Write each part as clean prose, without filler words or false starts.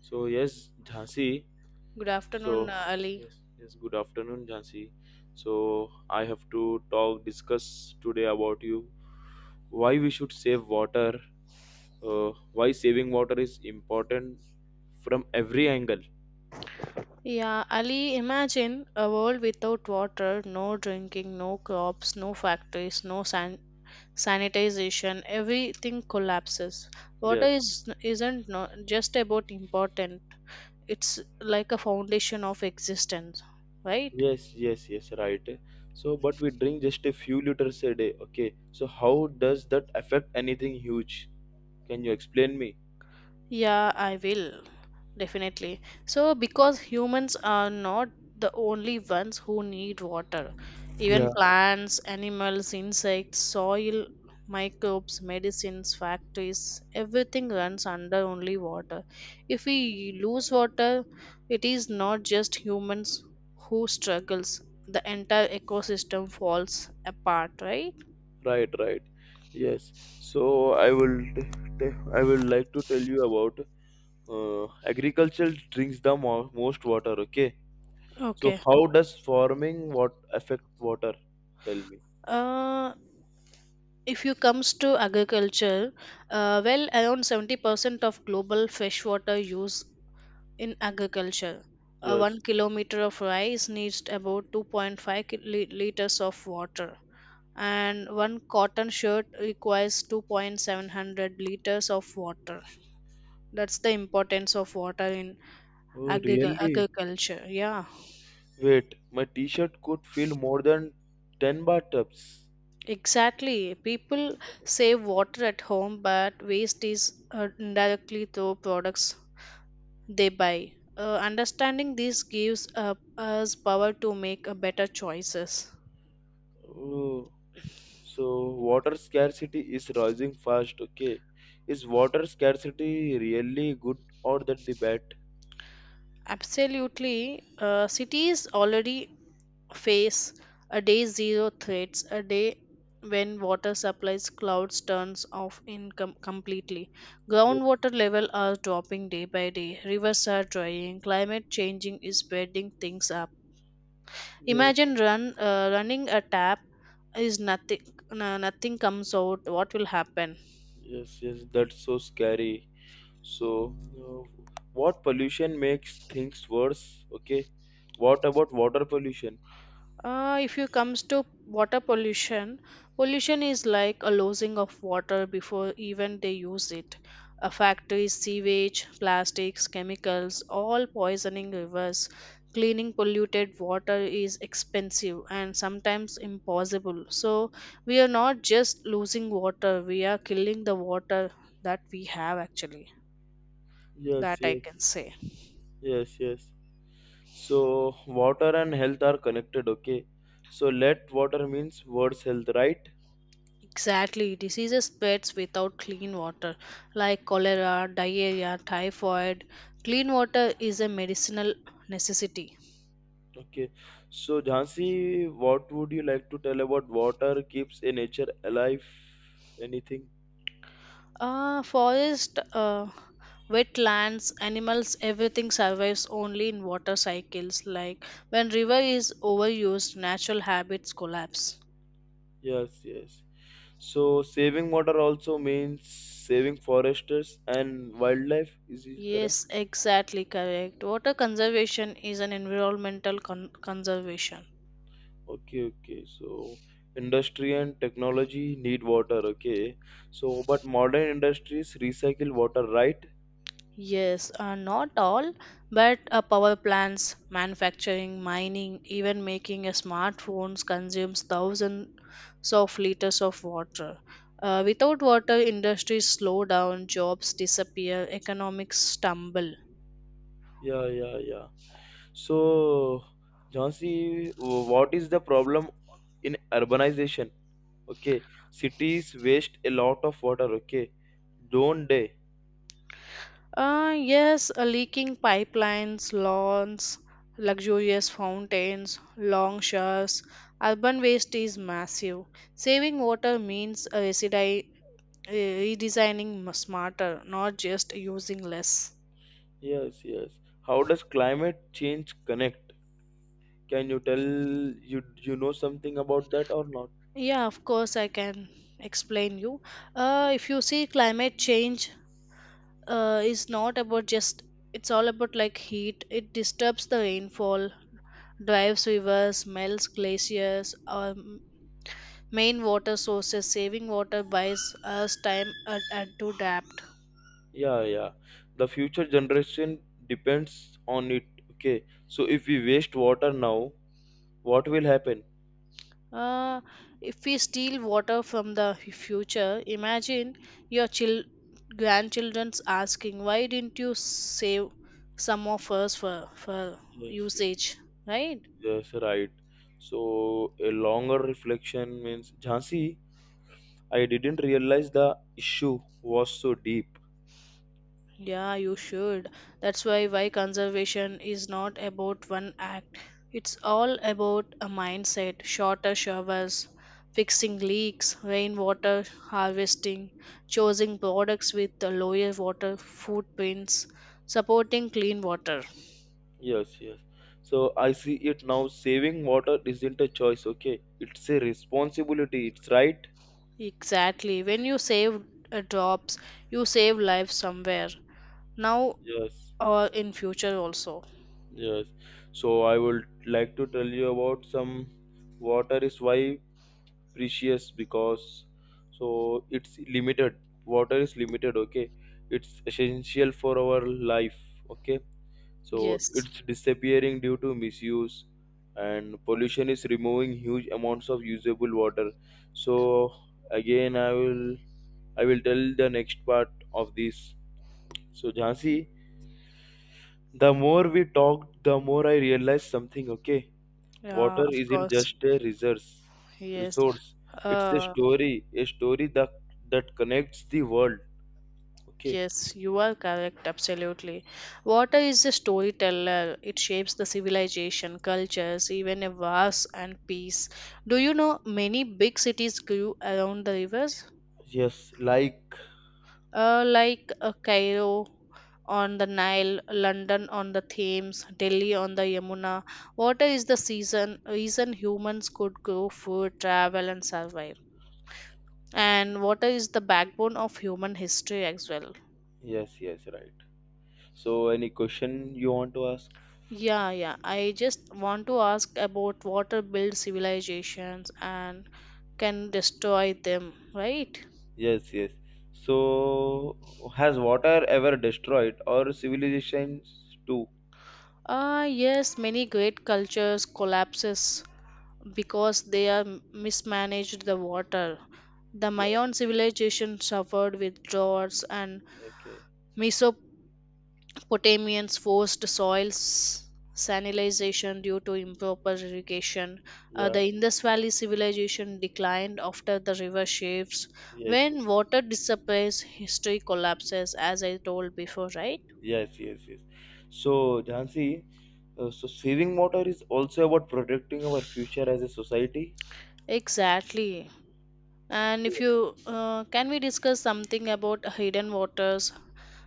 So yes, Jhansi. Good afternoon, So Ali. yes, yes. Good afternoon, Jhansi. So I have to discuss today about you why we should save water. Why saving water is important from every angle. Yeah, Ali, imagine a world without water, no drinking, no crops, no factories, no san- sanitization, everything collapses. Water Yes, is isn't no, just about important. It's like a foundation of existence, right? yes, yes, yes. Right. So, but we drink just a few liters a day. Okay. So how does that affect anything huge? Can you explain me? Yeah, I will. Definitely. So, because humans are not the only ones who need water, Yeah. even plants, animals, insects, soil, microbes, medicines, factories, everything runs under only water. If we lose water, it is not just humans who struggles. The entire ecosystem falls apart, right? Right, right. Yes. So I will like to tell you about agriculture drinks the most water, okay? So Okay. how does farming what affect water? Tell me. Uh, if you comes to agriculture well, around 70% of global freshwater use in agriculture. 1 Yes. kilometer of rice needs about 2.5 liters of water, and one cotton shirt requires two point seven hundred liters of water. That's the importance of water in Oh, really? agriculture, yeah. Wait, my t-shirt could fill more than 10 bathtubs. Exactly. People save water at home, but waste is indirectly through products they buy. Understanding this gives us power to make better choices. Oh, so water scarcity is rising fast, okay? Is water scarcity really good or that the bad? Absolutely. Cities already face a day zero threats, a day when water supplies clouds turns off income completely. Groundwater level are dropping day by day. Rivers are drying. Climate changing is speeding things up. Yes. Imagine run running a tap is nothing, no- nothing comes out, what will happen? Yes, yes, that's so scary. So, what pollution makes things worse? Okay, what about water pollution? If you comes to water pollution, pollution is like a losing of water before even they use it. A factory sewage, plastics, chemicals, all poisoning rivers. Cleaning polluted water is expensive and sometimes impossible, so we are not just losing water, we are killing the water that we have actually, that Yes, I yes, can say. yes, yes. So, water and health are connected. Okay, so let water means worse health, right? Exactly, diseases spreads without clean water, like cholera, diarrhea, typhoid. Clean water is a medicinal necessity. Okay, so Jhansi, what would you like to tell about water keeps a nature alive? Anything? Uh, forest, wetlands, animals, everything survives only in water cycles. Like when river is overused, natural habits collapse. Yes, yes. So saving water also means saving foresters and wildlife. Is it correct? Yes, exactly correct. Water conservation is an environmental conservation. Okay, okay. So industry and technology need water. Okay. So but modern industries recycle water, right? Yes, not all, but power plants, manufacturing, mining, even making a smartphones consumes thousands of liters of water. Without water, industries slow down, jobs disappear, economics stumble. Yeah, yeah, yeah. So Jhansi, what is the problem in urbanization? Okay, cities waste a lot of water. Okay, don't they? Yes, leaking pipelines, lawns, luxurious fountains, long showers, urban waste is massive. Saving water means redesigning smarter, not just using less. Yes, yes. How does climate change connect? Can you tell you something about that or not? Yeah, of course, I can explain you. If you see, climate change is not about just, it's all about like heat. It disturbs the rainfall, drives rivers, melts glaciers, main water sources, saving water buys us time to adapt. Yeah, yeah. The future generation depends on it. Okay. So if we waste water now, what will happen? Uh, if we steal water from the future, imagine your grandchildren's asking, "Why didn't you save some of us for for Yes, usage?" Right? yes, right. So a longer reflection means Jhansi, I didn't realize the issue was so deep. Yeah, you should. That's why conservation is not about one act. It's all about a mindset, shorter showers, fixing leaks, rainwater harvesting, choosing products with the lower water footprints, supporting clean water. Yes, yes. So I see it now. Saving water isn't a choice, okay? It's a responsibility. It's right. Exactly. When you save drops, you save lives somewhere. Now Yes. or in future also. Yes. So I would like to tell you about some water is why precious because so it's limited. Water is limited, okay? It's essential for our life, okay? So Yes. it's disappearing due to misuse and pollution is removing huge amounts of usable water. So again I will tell the next part of this. So Jhansi, the more we talked, the more I realized something, okay? Yeah, Water of isn't course. just a resource, Yes. resource. It's Uh a story that connects the world. Okay. Yes, you are correct, absolutely. Water is a storyteller. It shapes the civilization, cultures, even a wars and peace. Do you know many big cities grew around the rivers? Yes, like Like Cairo on the Nile, London on the Thames, Delhi on the Yamuna. Water is the season reason humans could grow food, travel and survive. And water is the backbone of human history as well. yes, yes, right. So, any question you want to ask? Yeah, yeah. I just want to ask about water builds civilizations and can destroy them, right? Yes, yes. So, has water ever destroyed or civilizations too? Ah, yes, many great cultures collapses because they are mismanaged the water. The Yeah. Mayan civilization suffered with droughts, and Okay. Potamians forced soil salinization due to improper irrigation. Yeah. The Indus Valley civilization declined after the river shifts. Yes. When water disappears, history collapses, as I told before, right? Yes. Yes. Yes. So, Jansi, so saving water is also about protecting our future as a society. Exactly. And if Okay. you can we discuss something about hidden waters,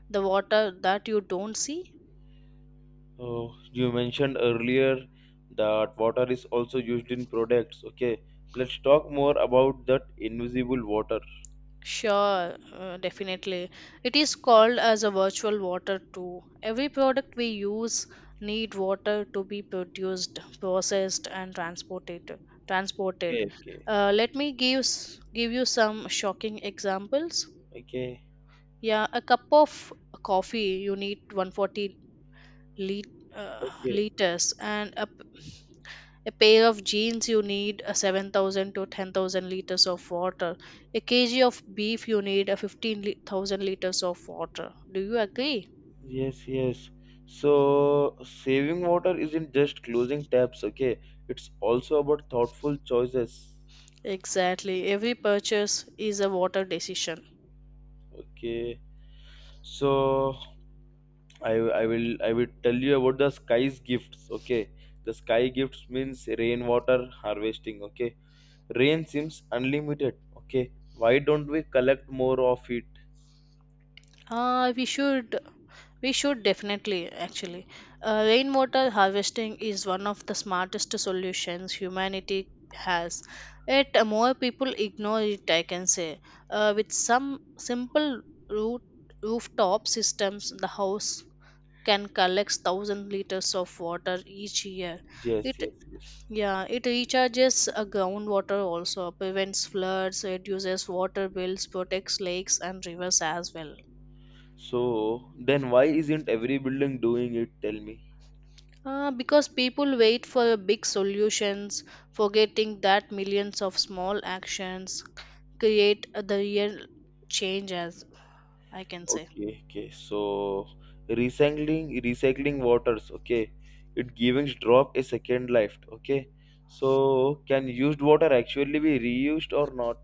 the water that you don't see? So you mentioned earlier that water is also used in products. Okay, let's talk more about that invisible water. Sure, definitely. It is called as a virtual water too. Every product we use need water to be produced, processed, and transported. Transported. Okay, okay, Uh, let me give you some shocking examples. okay, Yeah, a cup of coffee you need 140 lit, okay. liters, and a Okay. a pair of jeans, you need a 7,000 to 10,000 liters of water. A kg of beef, you need a 15,000 liters of water. Do you agree? Yes, yes. So saving water isn't just closing taps. Okay, it's also about thoughtful choices. Exactly. Every purchase is a water decision. Okay. So I I will tell you about the sky's gifts. Okay, the sky gifts means rainwater harvesting. Okay, rain seems unlimited, okay? Why don't we collect more of it? Uh, we should definitely actually. Rainwater harvesting is one of the smartest solutions humanity has. Yet more people ignore it. I can say, with some simple root rooftop systems, the house can collect thousand liters of water each year. Yes, It yes, yes. Yeah, it recharges groundwater also, prevents floods, reduces water bills, protects lakes and rivers as well. So then why isn't every building doing it? Tell me. Because people wait for big solutions, forgetting that millions of small actions create the real change, as I can say. Okay, okay. So recycling waters, okay, it giving drop a second life, okay? So can used water actually be reused or not?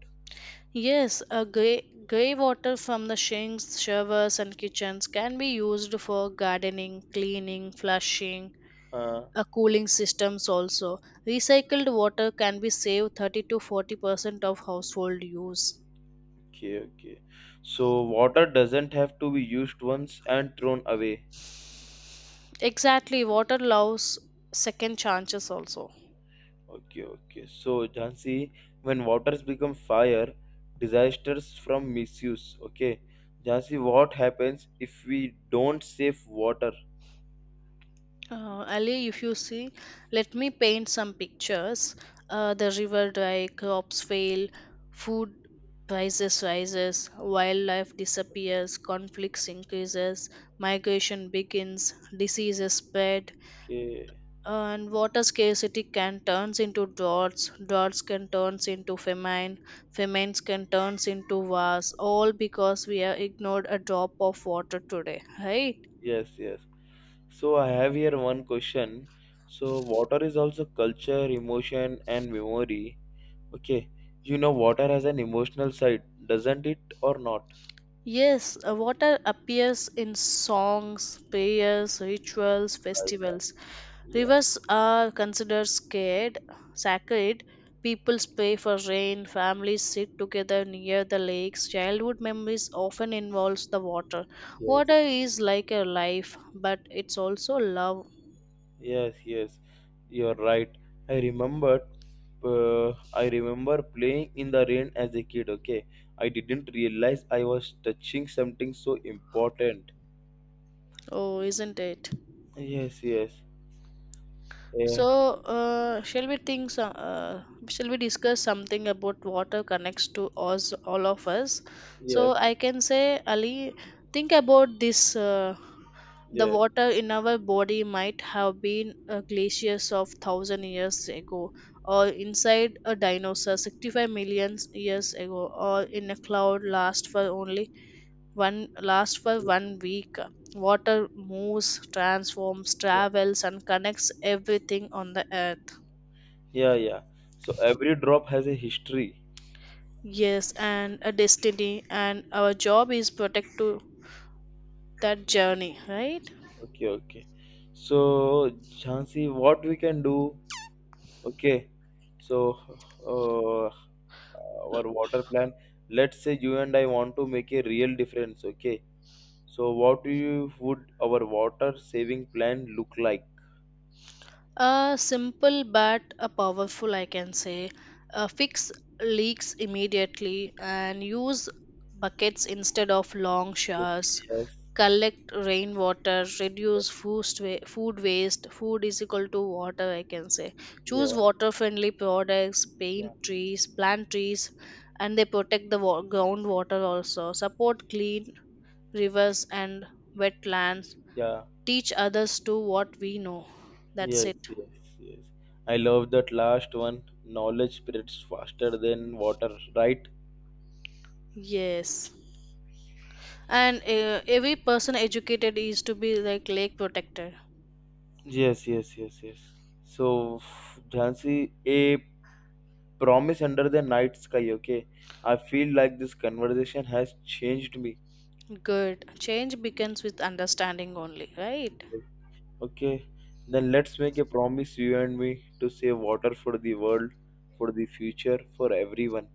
Yes, grey water from the sinks, showers, and kitchens can be used for gardening, cleaning, flushing, uh, cooling systems also. Recycled water can be saved 30 to 40% of household use. okay okay. So water doesn't have to be used once and thrown away. Exactly, water allows second chances also. Okay, okay. So, Jhansi, when waters become fire, disasters from misuse. Okay, Jhansi, what happens if we don't save water? Ali, if you see, let me paint some pictures. The river dry, crops fail, food prices rises, wildlife disappears, conflicts increases, migration begins, diseases spread, Okay, and water scarcity can turns into droughts, droughts can turns into famine, famines can turns into wars, all because we have ignored a drop of water today, right? yes, yes. So, I have here one question. So, water is also culture, emotion, and memory. Okay, water has an emotional side, doesn't it, or not? Yes, water appears in songs, prayers, rituals, Right, right. festivals. Yeah, Rivers are considered scared, sacred. People pray for rain, families sit together near the lakes. Childhood memories often involves the water. yes, Water is like a life, but it's also love. yes, yes. You're right. I remembered. I remember playing in the rain as a kid. Okay, I didn't realize I was touching something so important. Oh, isn't it? Yes, yes, yeah, So, shall we discuss something about water connects to us, all of us? So, yes, I can say, Ali, think about this. The yes, water in our body might have been glaciers of thousand years ago, or inside a dinosaur 65 million years ago, or in a cloud last for one week. Water moves, transforms, yeah, travels, and connects everything on the earth. yeah, yeah. So every drop has a history. Yes, and a destiny, and our job is protect to that journey, right? Okay, okay. So Jhansi, what we can do? Okay, so uh, our water plan. Let's say you and I want to make a real difference. Okay. So, what do you would our water saving plan look like? A simple but a powerful, I can say. Fix leaks immediately and use buckets instead of long Yes, showers. yes, Collect rainwater, reduce food, food waste. Food is equal to water, I can say. Choose yeah, water friendly products, paint yeah, trees, plant trees, and they protect the groundwater also. Support clean rivers, and wetlands, yeah, teach others to what we know. That's yes, it. yes, yes. I love that last one. Knowledge spreads faster than water, right? Yes. And every person educated is to be like lake protector. Yes, yes, yes, yes. So, Jhansi, a promise under the night sky, okay? I feel like this conversation has changed me. Good. Change begins with understanding only, right? Yes. Okay, then let's make a promise, you and me, to save water for the world, for the future, for everyone.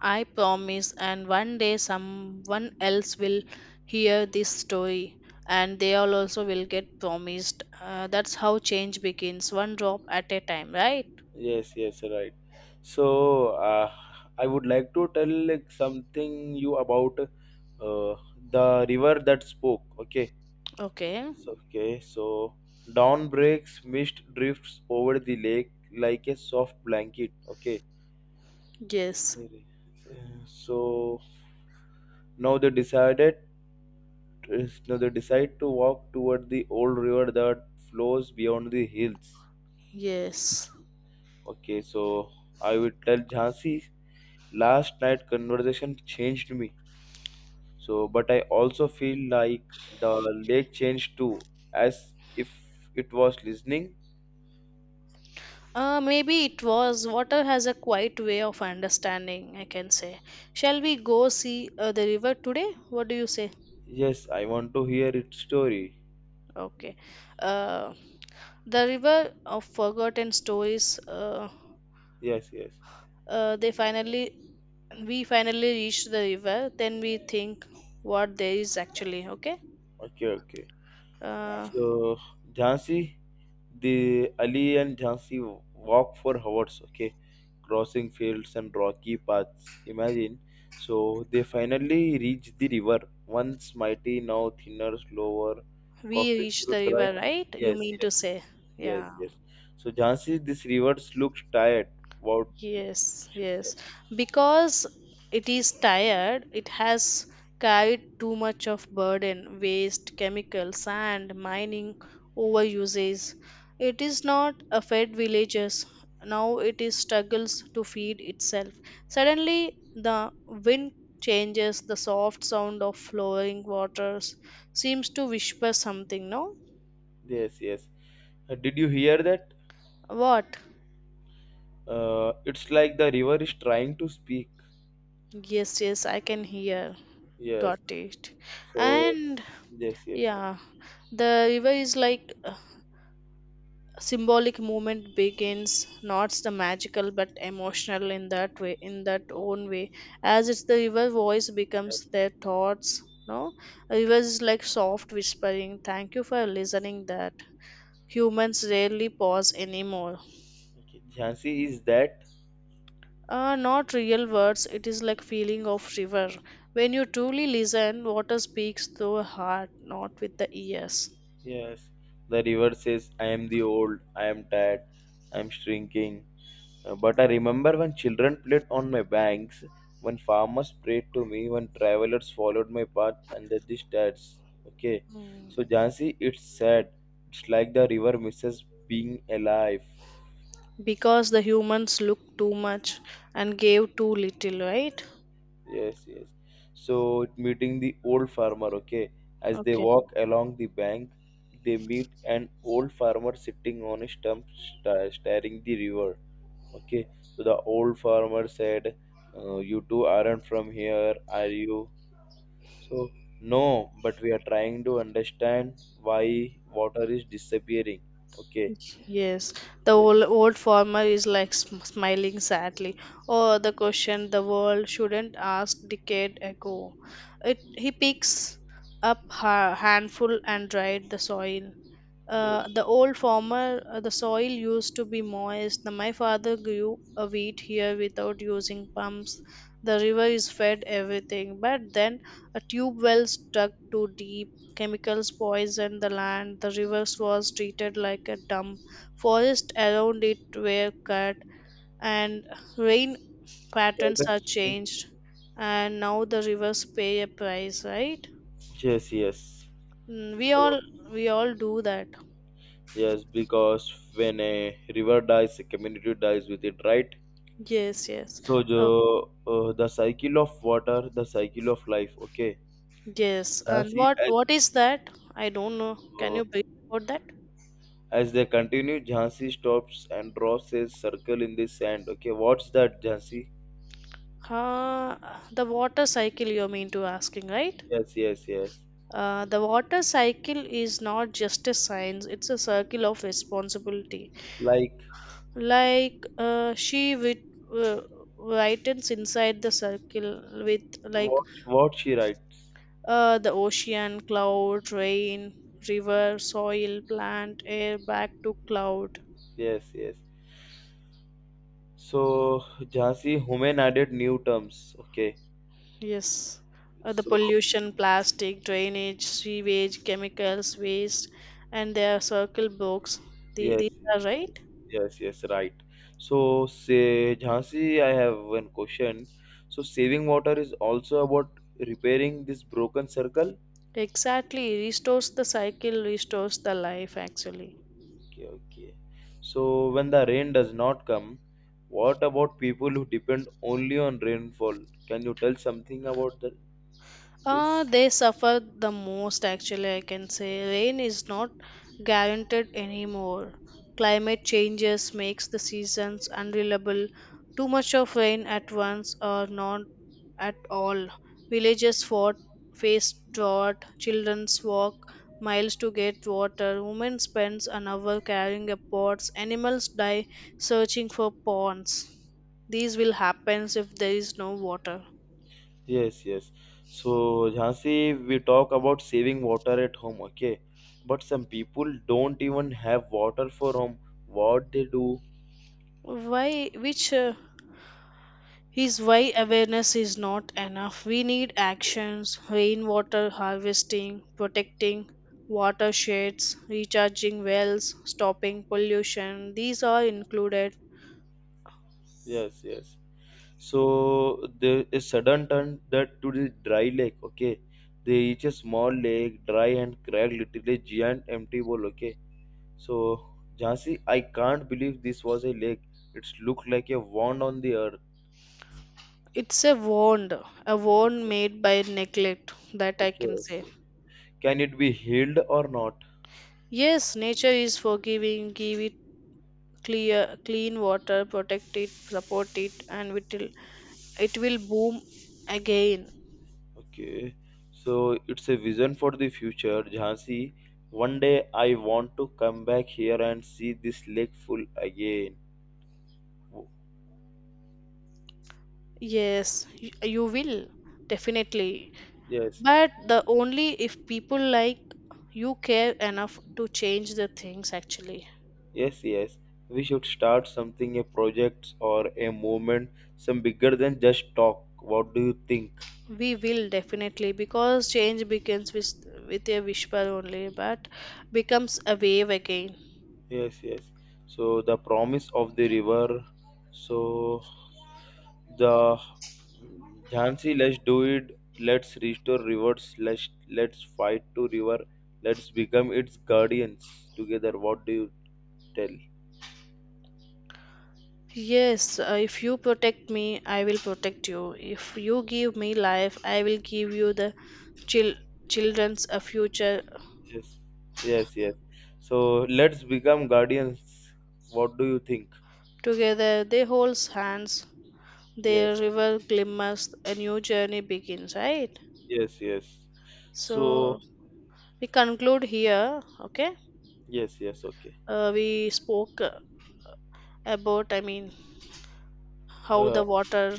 I promise, and one day someone else will hear this story and they all also will get promised. That's how change begins, one drop at a time, right? Yes, yes, right. So, I would like to tell like something you about the river that spoke. Okay. Okay. So, okay. So, dawn breaks, mist drifts over the lake like a soft blanket. Okay. Yes. Really. Uh, So now they decided. Now they decide to walk toward the old river that flows beyond the hills. Yes. Okay, so I would tell Jhansi, last night conversation changed me. So, but I also feel like the lake changed too, as if it was listening. Maybe it was. Water has a quiet way of understanding, I can say. Shall we go see the river today? What do you say? Yes, I want to hear its story. Okay. Uh, the river of forgotten stories. Yes, yes. uh, they finally, we finally reached the river. Then we think what there is actually. Okay. Okay, okay. Uh, So, Jhansi, the Ali and Jhansi walk for hours, okay, crossing fields and rocky paths. Imagine. So they finally reach the river, once mighty, now thinner, slower, we coughing reached through the dry. river, right? You Yes, mean to yes, say? yes, Yeah. yes. So Jhansi, this river looks tired. What Yes, should tell? yes. Because it is tired, it has carried too much of burden, waste, chemicals, and mining, overuses. It is not a fed villages. Now it is struggles to feed itself. Suddenly the wind changes, the soft sound of flowing waters seems to whisper something, no? Yes, yes. Did you hear that? What? It's like the river is trying to speak. Yes, yes, I can hear. Got Yes. it. So And yes, yes. yeah. The river is like symbolic movement begins, not the magical but emotional in that way, in that own way. As it's the river voice becomes Yes. their thoughts. No, a river is like soft whispering. Thank you for listening. That Yes. humans rarely pause anymore. Okay, Jhansi is that? Not real words. It is like feeling of river. When you truly listen, water speaks through heart, not with the ears. Yes. The river says, I am the old, I am tired, I am shrinking. But I remember when children played on my banks, when farmers prayed to me, when travelers followed my path under the stars. Okay. So, Jhansi, it's sad. It's like the river misses being alive. Because the humans look too much and gave too little, right? Yes, yes. So meeting the old farmer, okay. As they Okay. walk along the bank, they meet an old farmer sitting on a stump staring the river. Okay. So the old farmer said, "You two aren't from here, are you?" So no, but we are trying to understand why water is disappearing. Okay. Yes, the Yes. Old farmer is like smiling sadly. Oh, the question the world shouldn't ask decade ago. It he picks up a handful and dried the soil. Uh, the old farmer, the soil used to be moist. Now my father grew a wheat here without using pumps. The river is fed everything, but then a tube well stuck to deep. Chemicals poisoned the land. The rivers was treated like a dump. Forests around it were cut, and rain patterns are Yes. changed. And now the rivers pay a price, right? Yes. Yes. Mm, So we all do that. yes, because when a river dies, a community dies with it, right? Yes, yes. So Oh, the cycle of water, the cycle of life. Okay, yes. And Jhansi what what is that? I don't know. Can uh, you brief about that? as they continue, Jhansi stops and draws a circle in the sand. Okay, what's that, Jhansi? Uh, the water cycle you mean to asking, right? Yes, yes, yes. The water cycle is not just a science, it's a circle of responsibility. Like Like uh, she with, uh, widens inside the circle with like what she writes. The ocean, cloud, rain, river, soil, plant, air, back to cloud. Yes, yes. So Jhansi Humayun added new terms. Okay, Yes. The so pollution, plastic, drainage, sewage, chemicals, waste, and their circle books. Yes. These are right. Yes, yes, right. So, say, Jhansi, I have one question. So, saving water is also about repairing this broken circle? Exactly, restores the cycle, restores the life actually. Okay, okay. So, when the rain does not come, what about people who depend only on rainfall? Can you tell something about that? This? They suffer the most actually, I can say. Rain is not guaranteed anymore. Climate changes makes the seasons unreliable. Too much of rain at once or not at all. Villages fought, faced drought, children's walk miles to get water, women spends an hour carrying up pots, animals die searching for ponds. These will happen if there is no water. Yes, yes. So, Jhansi, we talk about saving water at home, okay? But some people don't even have water for home. What they do? Which is why awareness is not enough. We need actions, rainwater harvesting, protecting watersheds, recharging wells, stopping pollution. These are included. Yes, yes. So there is sudden turn that to the dry lake. Okay, they reach a small lake, dry and cracked, literally giant empty bowl. Okay, so Jhansi, I can't believe this was a lake. It's looked like a wound on the earth. It's a wound made by neglect that I Okay, can say. okay. Can it be healed or not? Yes, nature is forgiving. Give it clear, clean water, protect it, support it, and it will boom again. Okay, so it's a vision for the future, Jhansi. One day I want to come back here and see this lake full again. Yes, you will definitely. Yes, But the only if people like you care enough to change the things actually. yes, yes. We should start something, a project or a movement, some bigger than just talk. What do you think? We will definitely because change begins with a whisper only, but becomes a wave again. Yes, yes. So the promise of the river. So the Jhansi, let's do it. Let's restore rivers. Let's fight to river. Let's become its guardians together. What do you tell? Yes, if you protect me, I will protect you. If you give me life, I will give you the chil- children's a future. Yes, yes, yes. So let's become guardians. What do you think? Together they holds hands. The Yes. river glimmers, a new journey begins, right? Yes, yes. So So, we conclude here, okay? yes, yes, okay. We spoke about, I mean, how the Uh, water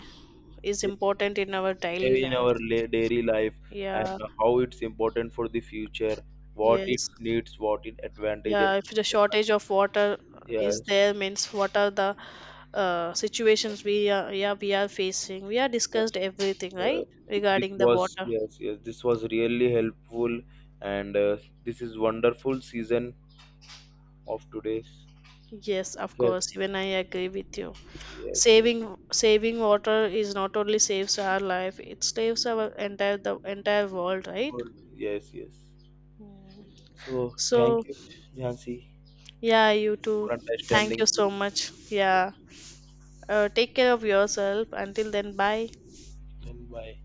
is important in our daily in life. our daily life Yeah, and how it's important for the future, what it yes. needs, what it advantages. Yeah, if the shortage of water is Yes, there, means what are the yes, situations we are, yeah, we are facing? We are discussed everything, right? yes. Regarding the water. Yes, yes, this was really helpful, and this is wonderful season of today's. Yes, of Okay. course. Even I agree with you. Yes, yes, Saving water is not only saves our life, it saves our entire the entire world, right? good. Yes, yes. Mm. So, thank So you, Jhansi, yeah, you too, for thank you understanding so this. much, Okay, yeah. Take care of yourself, until then, bye. then bye.